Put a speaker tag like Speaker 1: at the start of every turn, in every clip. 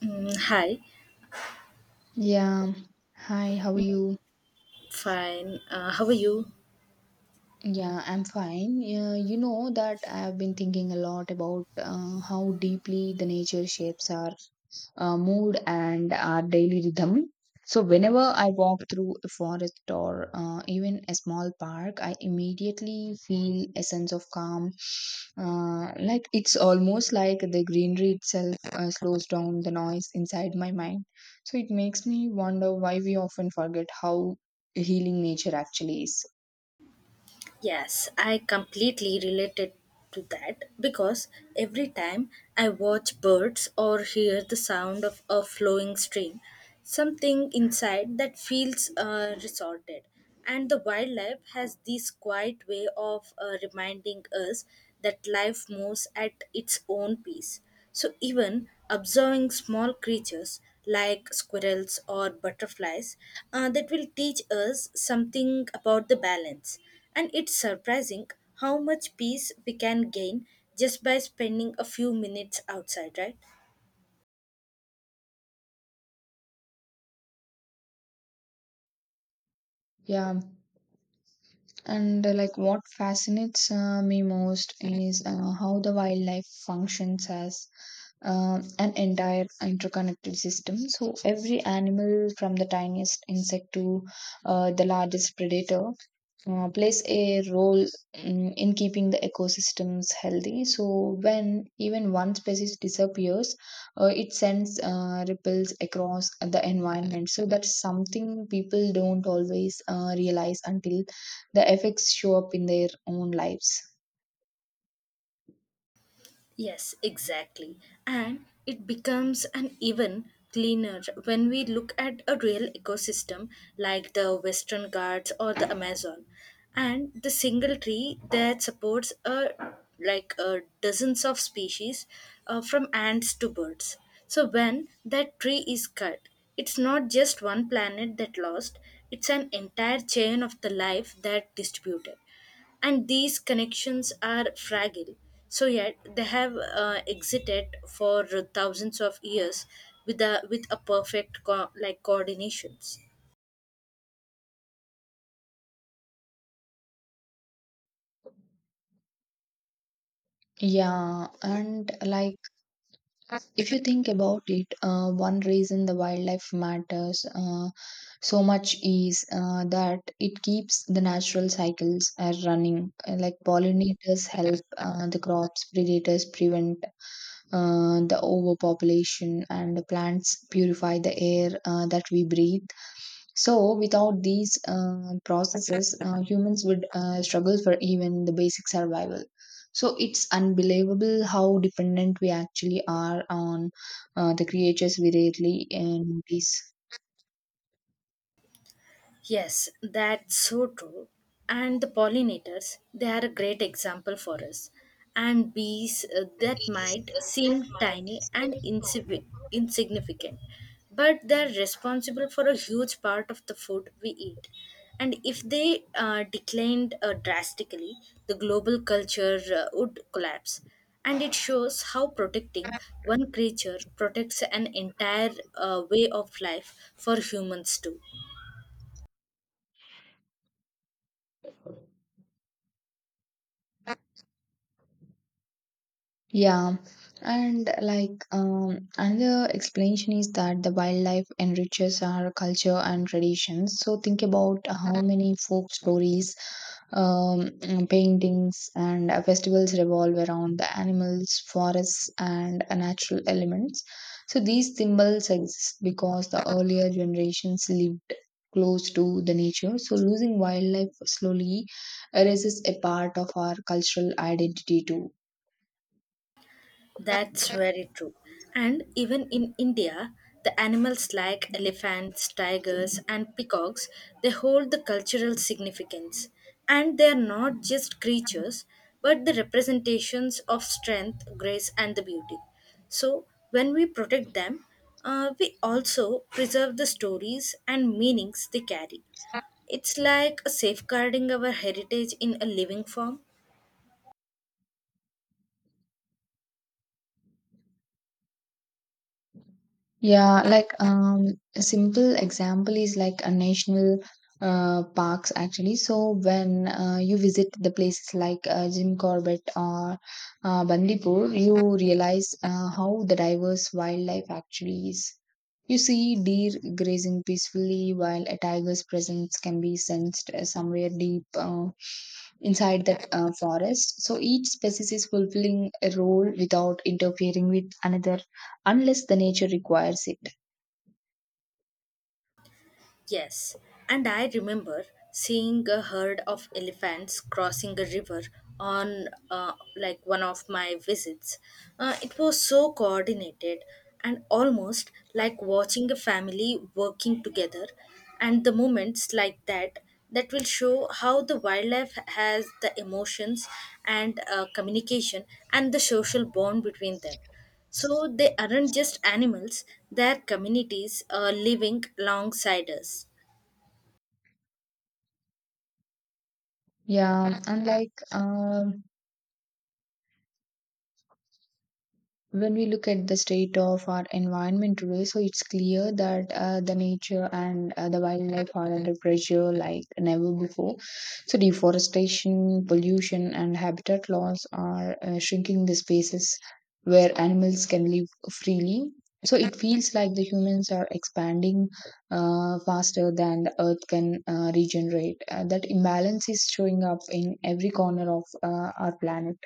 Speaker 1: Mm, hi.
Speaker 2: Yeah. Hi, how are you?
Speaker 1: Fine. How are you?
Speaker 2: Yeah, I'm fine. Yeah, you know that I've been thinking a lot about how deeply the nature shapes our mood and our daily rhythm. So, whenever I walk through a forest or even a small park, I immediately feel a sense of calm. Like it's almost like the greenery itself slows down the noise inside my mind. So, it makes me wonder why we often forget how healing nature actually is.
Speaker 1: Yes, I completely related to that because every time I watch birds or hear the sound of a flowing stream, something inside that feels resorted. And the wildlife has this quiet way of reminding us that life moves at its own pace. So, even observing small creatures like squirrels or butterflies that will teach us something about the balance. And it's surprising how much peace we can gain just by spending a few minutes outside, right?
Speaker 2: Yeah. And like what fascinates me most is how the wildlife functions as an entire interconnected system. So every animal, from the tiniest insect to the largest predator, plays a role in keeping the ecosystems healthy. So when even one species disappears, it sends ripples across the environment. So that's something people don't always realize until the effects show up in their own lives.
Speaker 1: Yes, exactly. And it becomes an even cleaner when we look at a real ecosystem like the Western Ghats or the Amazon. And the single tree that supports a like dozens of species from ants to birds. So when that tree is cut, it's not just one planet that lost, it's an entire chain of the life that distributed, and these connections are fragile, so yet they have existed for thousands of years with a perfect like coordinations.
Speaker 2: Yeah, and like if you think about it, one reason the wildlife matters so much is that it keeps the natural cycles running. Like pollinators help the crops, predators prevent the overpopulation, and the plants purify the air that we breathe. So, without these processes, humans would struggle for even the basic survival. So, it's unbelievable how dependent we actually are on the creatures we rarely notice.
Speaker 1: Yes, that's so true. And the pollinators, they are a great example for us. And bees that might seem tiny and insignificant, but they're responsible for a huge part of the food we eat. And if they declined drastically, the global culture would collapse. And it shows how protecting one creature protects an entire way of life for humans too.
Speaker 2: Yeah, and like another explanation is that the wildlife enriches our culture and traditions. So think about how many folk stories, um, paintings, and festivals revolve around the animals, forests, and natural elements. So these symbols exist because the earlier generations lived close to the nature. So losing wildlife slowly erases a part of our cultural identity too.
Speaker 1: That's very true. And even in India, the animals like elephants, tigers, and peacocks, they hold the cultural significance. And they are not just creatures, but the representations of strength, grace, and the beauty. So, when we protect them, we also preserve the stories and meanings they carry. It's like safeguarding our heritage in a living form.
Speaker 2: Yeah, like a simple example is like a national parks actually. So when you visit the places like Jim Corbett or Bandipur, you realize how the diverse wildlife actually is. You see deer grazing peacefully while a tiger's presence can be sensed somewhere deep inside that forest. So each species is fulfilling a role without interfering with another unless the nature requires it.
Speaker 1: Yes, and I remember seeing a herd of elephants crossing a river on like one of my visits. It was so coordinated and almost like watching a family working together, and the moments like that that will show how the wildlife has the emotions and communication and the social bond between them, so they aren't just animals, they're communities living alongside us.
Speaker 2: Yeah, unlike when we look at the state of our environment today, so it's clear that the nature and the wildlife are under pressure like never before. So, deforestation, pollution, and habitat loss are shrinking the spaces where animals can live freely. So, it feels like the humans are expanding faster than the earth can regenerate. That imbalance is showing up in every corner of our planet.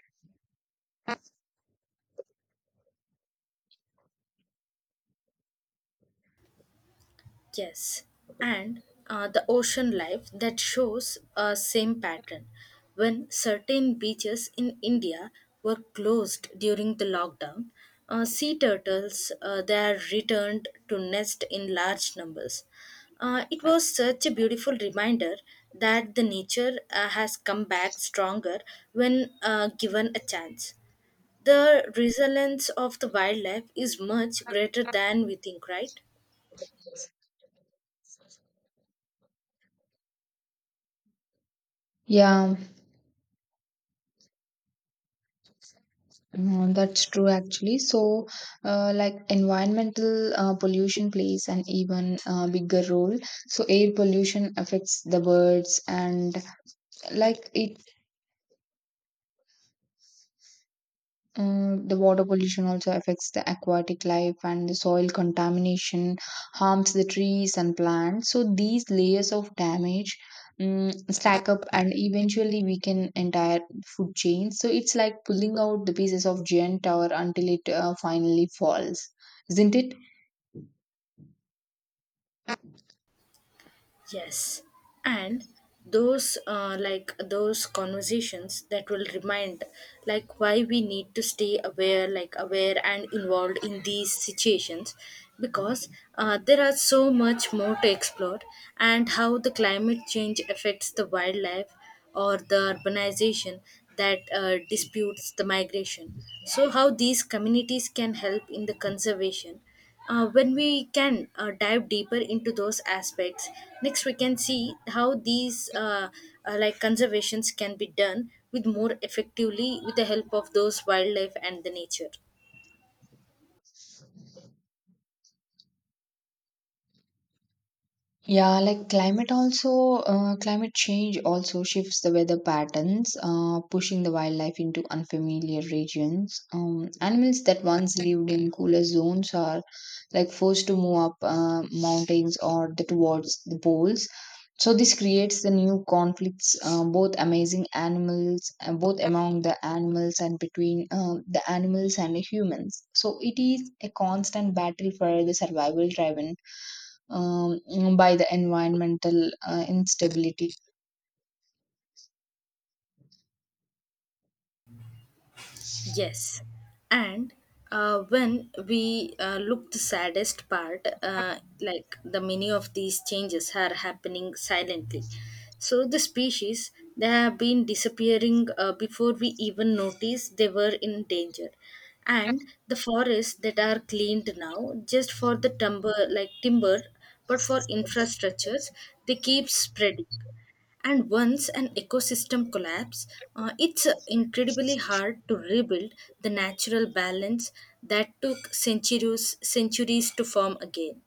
Speaker 1: Yes, and the ocean life that shows a same pattern. When certain beaches in India were closed during the lockdown, sea turtles they are returned to nest in large numbers. It was such a beautiful reminder that the nature has come back stronger when given a chance. The resilience of the wildlife is much greater than we think, right?
Speaker 2: Yeah, mm, that's true actually. So, like environmental pollution plays an even bigger role. So, air pollution affects the birds, and like it, the water pollution also affects the aquatic life, and the soil contamination harms the trees and plants. So, these layers of damage stack up, and eventually weaken entire food chains. So, it's like pulling out the pieces of giant tower until it finally falls, isn't it?
Speaker 1: Yes, and those like those conversations that will remind like why we need to stay aware and involved in these situations, because there are so much more to explore, and how the climate change affects the wildlife or the urbanization that disputes the migration. So, how these communities can help in the conservation. When we can dive deeper into those aspects, next we can see how these like conservations can be done with more effectively with the help of those wildlife and the nature.
Speaker 2: Yeah, climate change also shifts the weather patterns, pushing the wildlife into unfamiliar regions. Animals that once lived in cooler zones are like forced to move up mountains or the, towards the poles. So this creates the new conflicts, both among the animals and between the animals and the humans. So it is a constant battle for the survival driven by the environmental instability.
Speaker 1: Yes, and when we look the saddest part, like the many of these changes are happening silently. So the species, they have been disappearing before we even notice they were in danger, and the forests that are cleaned now just for the timber like timber, but for infrastructures, they keep spreading, and once an ecosystem collapse, it's incredibly hard to rebuild the natural balance that took centuries to form again.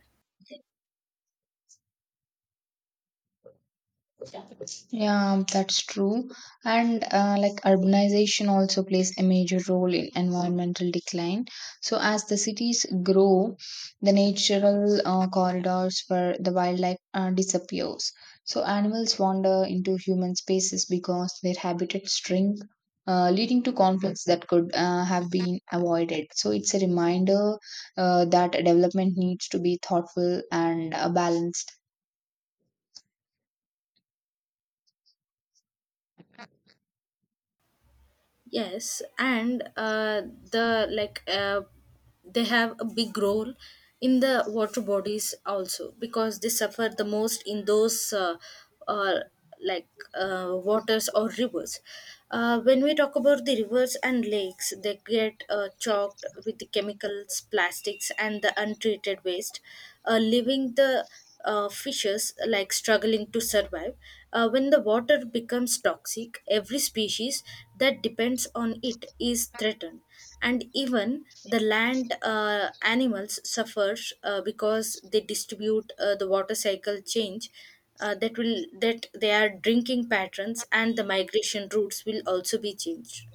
Speaker 2: Yeah, that's true. And like urbanization also plays a major role in environmental decline. So, as the cities grow, the natural corridors for the wildlife disappears. So, animals wander into human spaces because their habitats shrink, leading to conflicts that could have been avoided. So, it's a reminder that development needs to be thoughtful and balanced.
Speaker 1: Yes, and the like they have a big role in the water bodies also, because they suffer the most in those uh, like waters or rivers. When we talk about the rivers and lakes, they get choked with the chemicals, plastics, and the untreated waste, leaving the fishes like struggling to survive. When the water becomes toxic, every species that depends on it is threatened, and even the land animals suffers because they distribute the water cycle change. That their drinking patterns and the migration routes will also be changed.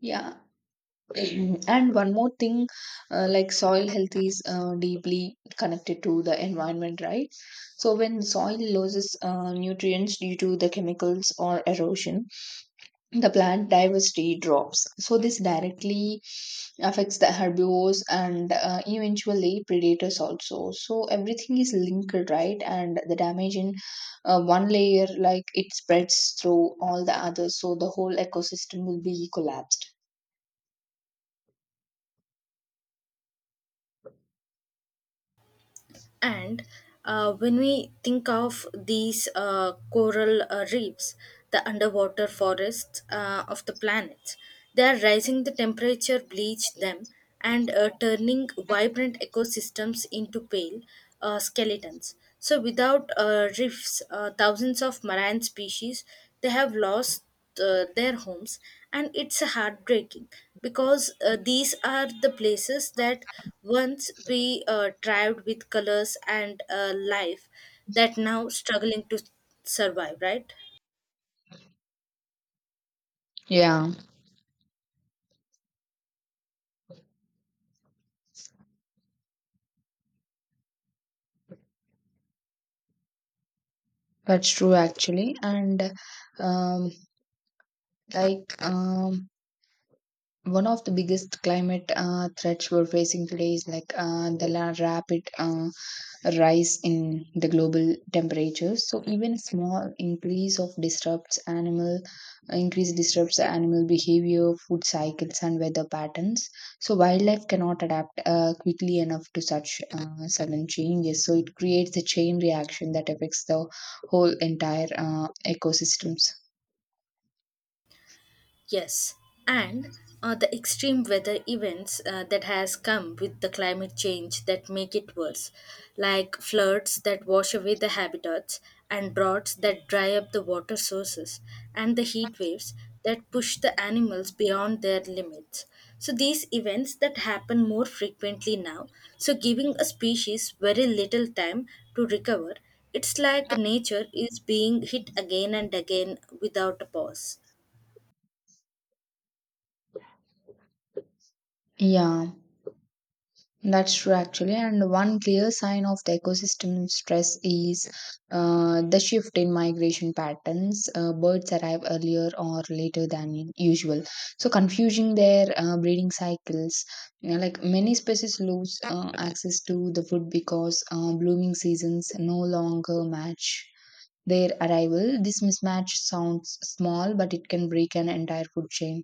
Speaker 2: Yeah. And one more thing, like soil health is deeply connected to the environment, right? So when soil loses nutrients due to the chemicals or erosion, the plant diversity drops. So this directly affects the herbivores and eventually predators also. So everything is linked, right? And the damage in one layer, like it spreads through all the others, so the whole ecosystem will be collapsed.
Speaker 1: And when we think of these coral reefs, the underwater forests of the planet, they are rising the temperature, bleach them, and turning vibrant ecosystems into pale skeletons. So, without reefs, thousands of marine species, they have lost their homes, and it's heartbreaking because these are the places that once we thrived with colors and life, that now struggling to survive, right?
Speaker 2: Yeah. That's true actually. And um like um one of the biggest climate threats we're facing today is like rapid rise in the global temperatures. So even small increase of disrupts animal increase disrupts animal behavior, food cycles, and weather patterns. So wildlife cannot adapt quickly enough to such sudden changes. So it creates a chain reaction that affects the whole entire ecosystems.
Speaker 1: Yes, and the extreme weather events that has come with the climate change that make it worse, like floods that wash away the habitats, and droughts that dry up the water sources, and the heat waves that push the animals beyond their limits. So these events that happen more frequently now, so giving a species very little time to recover, it's like nature is being hit again and again without a pause.
Speaker 2: Yeah. That's true actually, and one clear sign of the ecosystem stress is the shift in migration patterns. Birds arrive earlier or later than usual, so confusing their breeding cycles. You know, like many species lose access to the food because blooming seasons no longer match their arrival. This mismatch sounds small, but it can break an entire food chain.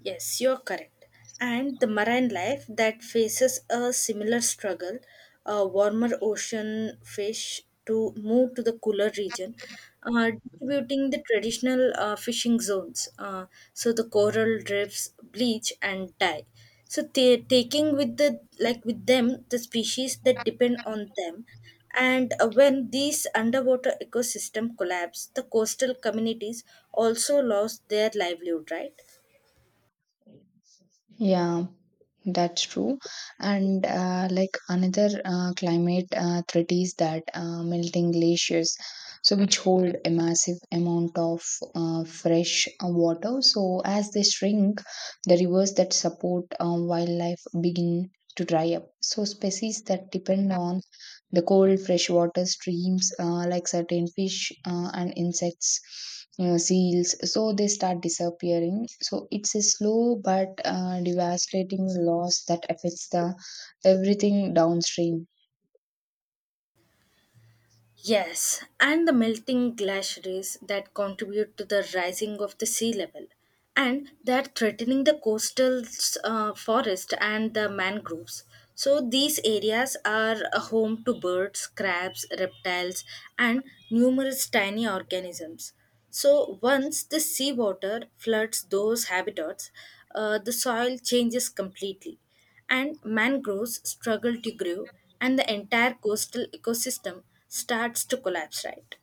Speaker 1: Yes, you're correct. And the marine life that faces a similar struggle, warmer ocean fish to move to the cooler region, distributing the traditional fishing zones. So the coral reefs bleach and die. So they taking with the like with them the species that depend on them. And when these underwater ecosystem collapse, the coastal communities also lost their livelihood, right?
Speaker 2: Yeah, that's true. And like another climate threat is that melting glaciers, so which hold a massive amount of fresh water. So as they shrink, the rivers that support wildlife begin to dry up. So species that depend on the cold, freshwater streams like certain fish and insects, seals, so they start disappearing. So it's a slow but devastating loss that affects the everything downstream.
Speaker 1: Yes, and the melting glaciers that contribute to the rising of the sea level, and they are threatening the coastal forest and the mangroves. So these areas are a home to birds, crabs, reptiles, and numerous tiny organisms. So once the seawater floods those habitats, the soil changes completely, and mangroves struggle to grow, and the entire coastal ecosystem starts to collapse, right?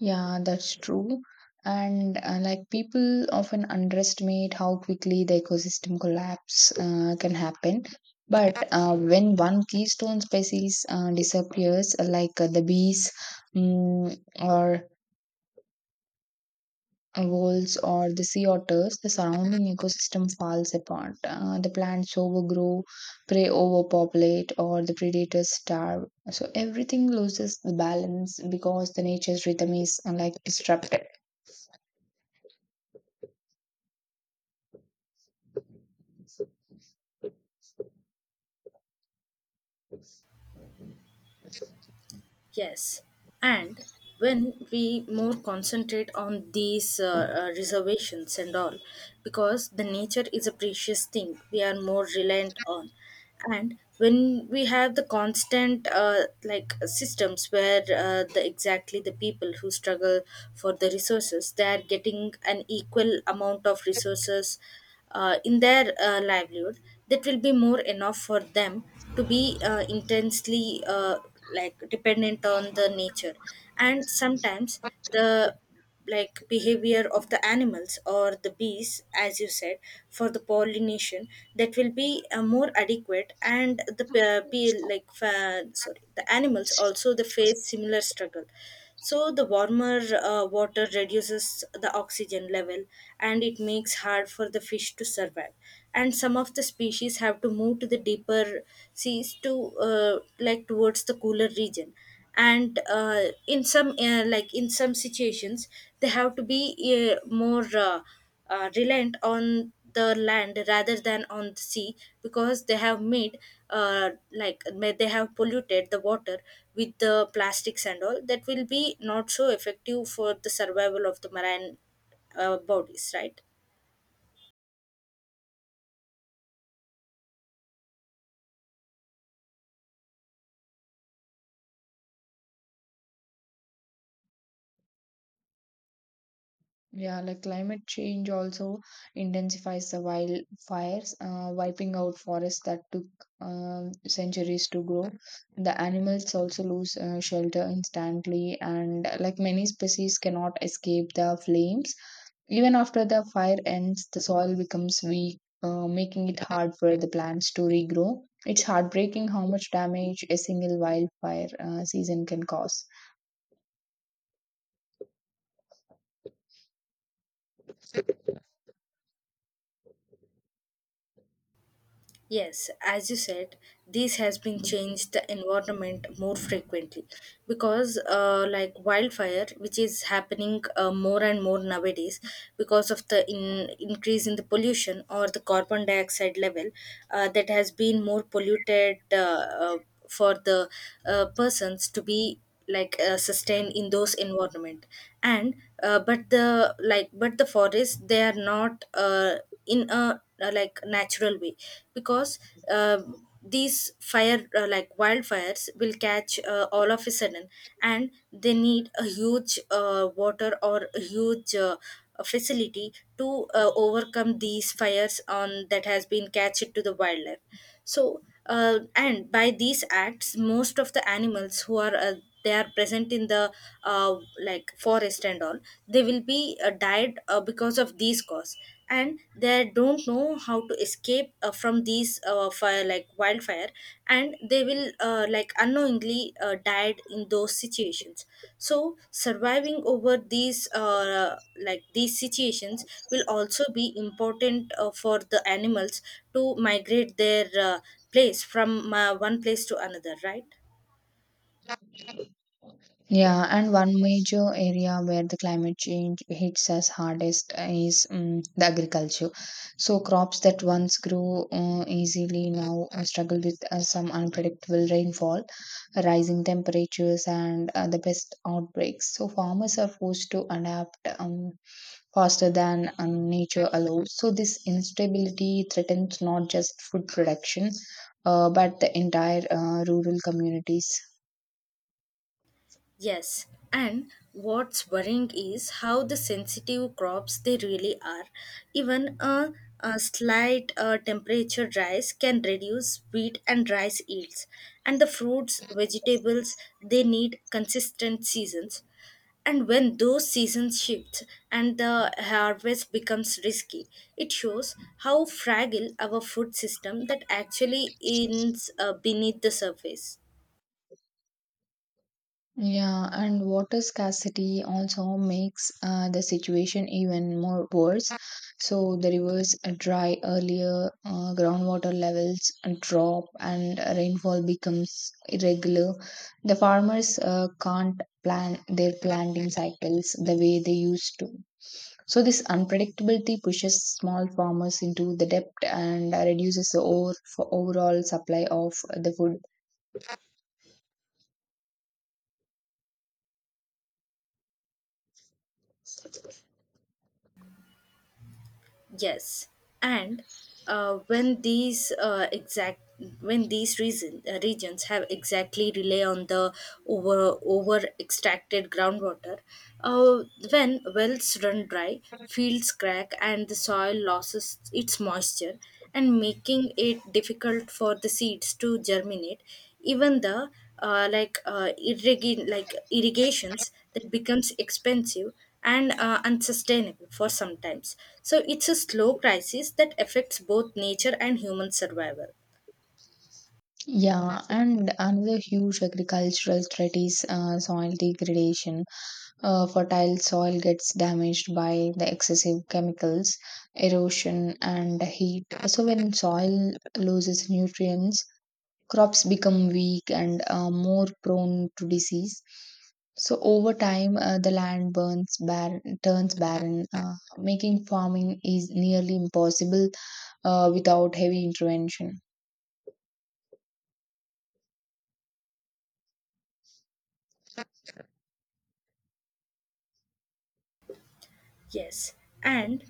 Speaker 2: Yeah, that's true. And like people often underestimate how quickly the ecosystem collapse can happen. But when one keystone species disappears, like the bees, or wolves or the sea otters, the surrounding ecosystem falls apart. The plants overgrow, prey overpopulate, or the predators starve. So everything loses the balance because the nature's rhythm is like disrupted.
Speaker 1: Yes, and when we more concentrate on these reservations and all, because the nature is a precious thing we are more reliant on, and when we have the constant like systems where the exactly the people who struggle for the resources, they are getting an equal amount of resources in their livelihood, that will be more enough for them to be intensely like dependent on the nature. And sometimes the like behavior of the animals, or the bees, as you said, for the pollination, that will be more adequate. And the be like fa- sorry, the animals also, they face similar struggle. So the warmer water reduces the oxygen level, and it makes hard for the fish to survive, and some of the species have to move to the deeper seas to like towards the cooler region. And in some like in some situations, they have to be more reliant on the land rather than on the sea, because they have made they have polluted the water with the plastics and all, that will be not so effective for the survival of the marine bodies, right?
Speaker 2: Yeah, like climate change also intensifies the wildfires, wiping out forests that took centuries to grow. The animals also lose shelter instantly, and like many species cannot escape the flames. Even after the fire ends, the soil becomes weak, making it hard for the plants to regrow. It's heartbreaking how much damage a single wildfire season can cause.
Speaker 1: Yes, as you said, this has been changed the environment more frequently because, like wildfire, which is happening more and more nowadays because of the increase in the pollution or the carbon dioxide level that has been more polluted for the persons to be like sustained in those environment. And but the like but the forests, they are not. In a like natural way, because um these fire like wildfires will catch all of a sudden, and they need a huge water or a huge facility to overcome these fires on that has been catched to the wildlife. So and by these acts, most of the animals who are they are present in the uh, like forest and all, they will be died because of these cause. And they don't know how to escape from these fire like wildfire, and they will like unknowingly died in those situations. So surviving over these like these situations will also be important for the animals to migrate their place from one place to another, right?
Speaker 2: Yeah, and one major area where the climate change hits us hardest is the agriculture. So crops that once grew easily now struggle with some unpredictable rainfall, rising temperatures, and the pest outbreaks. So farmers are forced to adapt faster than nature allows. So this instability threatens not just food production, but the entire rural communities.
Speaker 1: Yes, and what's worrying is how the sensitive crops they really are. Even a slight temperature rise can reduce wheat and rice yields. And the fruits, vegetables, they need consistent seasons. And when those seasons shift and the harvest becomes risky, it shows how fragile our food system that actually is, beneath the surface.
Speaker 2: Yeah, and water scarcity also makes the situation even more worse. So the rivers are dry earlier, groundwater levels drop, and rainfall becomes irregular. The farmers can't plan their planting cycles the way they used to. So this unpredictability pushes small farmers into the debt and reduces the overall supply of the food.
Speaker 1: Yes, and when these exact when these reason, regions have exactly rely on the over extracted groundwater, uh, when wells run dry, fields crack, and the soil loses its moisture, and making it difficult for the seeds to germinate. Even the like irrigate like irrigations that becomes expensive and unsustainable for some times. So it's a slow crisis that affects both nature and human survival.
Speaker 2: Yeah, and another huge agricultural threat is soil degradation. Fertile soil gets damaged by the excessive chemicals, erosion, and heat. So, when soil loses nutrients, crops become weak and more prone to disease. So, over time, the land burns barren, turns barren, making farming is nearly impossible without heavy intervention.
Speaker 1: Yes, and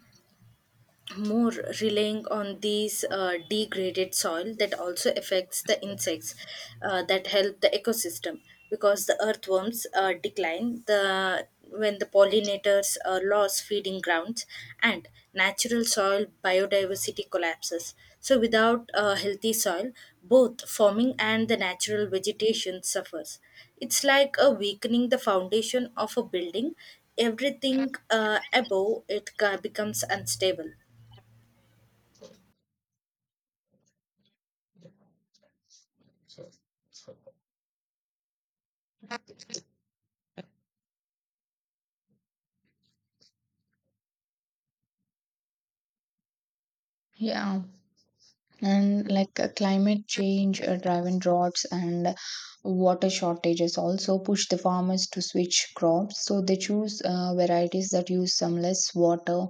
Speaker 1: more relying on these degraded soil that also affects the insects that help the ecosystem, because the earthworms decline the when the pollinators lose feeding grounds, and natural soil biodiversity collapses. So without a healthy soil, both farming and the natural vegetation suffers. It's like a weakening the foundation of a building, everything above it becomes unstable.
Speaker 2: Yeah. And like climate change driven droughts and water shortages also push the farmers to switch crops, so they choose varieties that use some less water,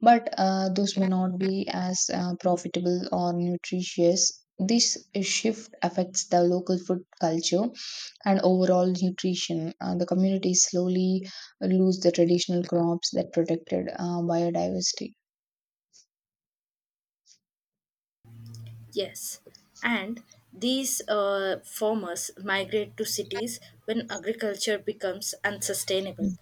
Speaker 2: but those may not be as profitable or nutritious. This shift affects the local food culture and overall nutrition. The communities slowly lose the traditional crops that protected biodiversity.
Speaker 1: Yes, and these farmers migrate to cities when agriculture becomes unsustainable,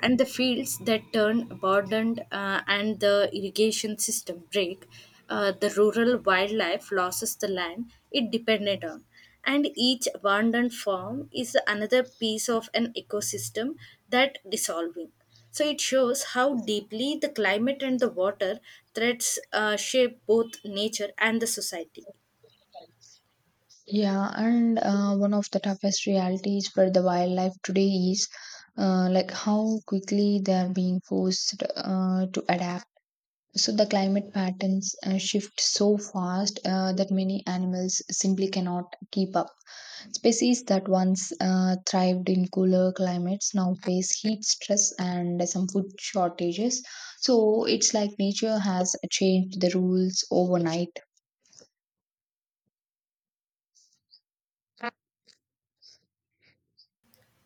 Speaker 1: and the fields that turn abandoned and the irrigation system break, the rural wildlife loses the land it depended on, and each abandoned form is another piece of an ecosystem that dissolving. So it shows how deeply the climate and the water threats shape both nature and the society.
Speaker 2: Yeah, and one of the toughest realities for the wildlife today is like how quickly they are being forced to adapt. So the climate patterns shift so fast that many animals simply cannot keep up. Species that once thrived in cooler climates now face heat stress and some food shortages. So it's like nature has changed the rules overnight.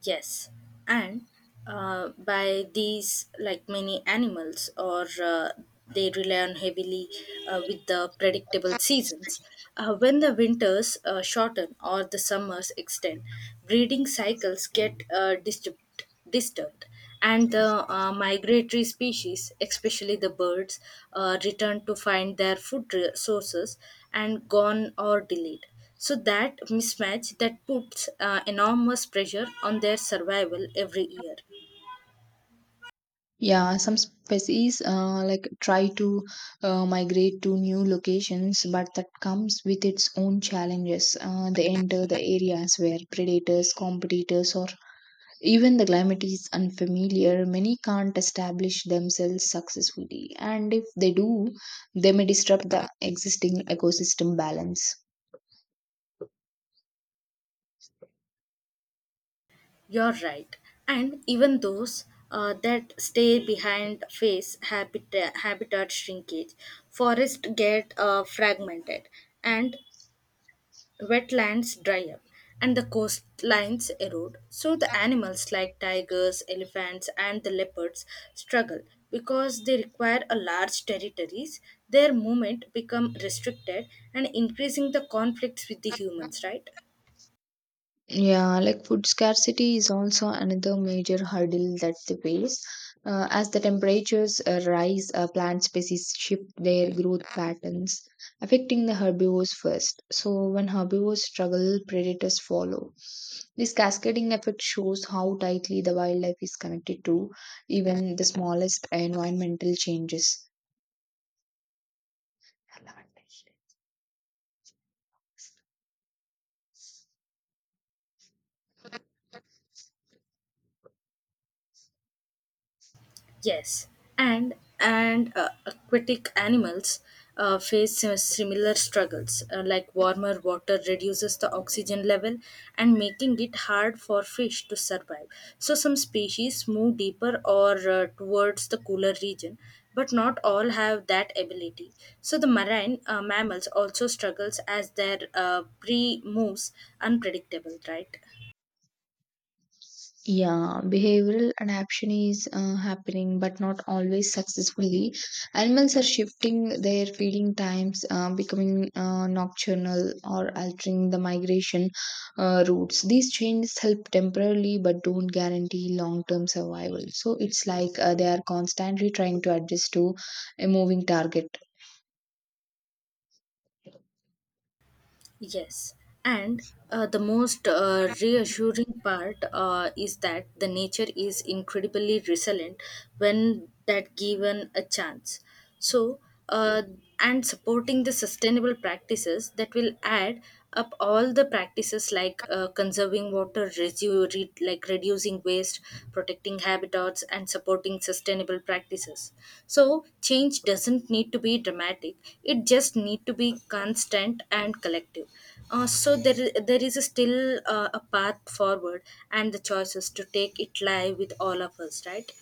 Speaker 1: Yes, and by these, like many animals or they rely on heavily with the predictable seasons. When the winters shorten or the summers extend, breeding cycles get disturbed, and the migratory species, especially the birds, return to find their food sources and gone or delayed. So that mismatch that puts enormous pressure on their survival every year.
Speaker 2: Yeah, some species like try to migrate to new locations, but that comes with its own challenges. They enter the areas where predators, competitors, or even the climate is unfamiliar. Many can't establish themselves successfully, and if they do, they may disrupt the existing ecosystem balance.
Speaker 1: You're right, and even those that stay behind face habitat shrinkage, forests get fragmented, and wetlands dry up and the coastlines erode. So the animals like tigers, elephants, and the leopards struggle because they require a large territories. Their movement become restricted, and increasing the conflicts with the humans, right?
Speaker 2: Yeah, like food scarcity is also another major hurdle that they face. As the temperatures rise, plant species shift their growth patterns, affecting the herbivores first. So, when herbivores struggle, predators follow. This cascading effect shows how tightly the wildlife is connected to even the smallest environmental changes.
Speaker 1: Yes, and and aquatic animals face similar struggles. Like warmer water reduces the oxygen level and making it hard for fish to survive. So some species move deeper or towards the cooler region, but not all have that ability. So the marine mammals also struggles as their prey moves unpredictable. Right.
Speaker 2: Yeah, behavioral adaptation is happening, but not always successfully. Animals are shifting their feeding times, becoming nocturnal, or altering the migration routes. These changes help temporarily, but don't guarantee long-term survival. So it's like they are constantly trying to adjust to a moving target.
Speaker 1: Yes, and the most reassuring part is that the nature is incredibly resilient when that given a chance. So, uh, and supporting the sustainable practices that will add up all the practices like conserving water, you read like reducing waste, protecting habitats, and supporting sustainable practices. So change doesn't need to be dramatic, it just need to be constant and collective. So there is still a path forward, and the choices to take it lie with all of us, right?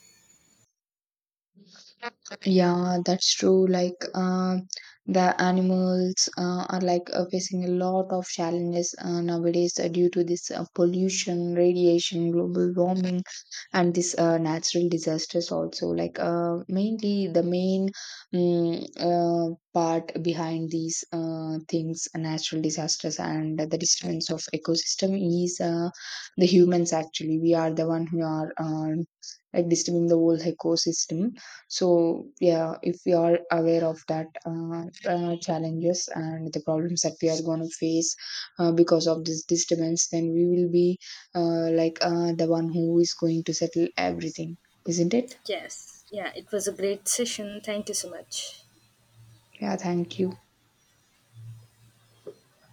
Speaker 2: Yeah, that's true. Like, the animals are like facing a lot of challenges nowadays due to this pollution, radiation, global warming, and this natural disasters also. Like, mainly the main part behind these things, natural disasters and the disturbance of ecosystem is the humans. Actually, we are the one who are like disturbing the whole ecosystem. So yeah, if we are aware of that challenges and the problems that we are going to face because of this disturbance, then we will be like the one who is going to settle everything, isn't it?
Speaker 1: Yes, yeah, it was a great session, thank you so much.
Speaker 2: Yeah, thank you.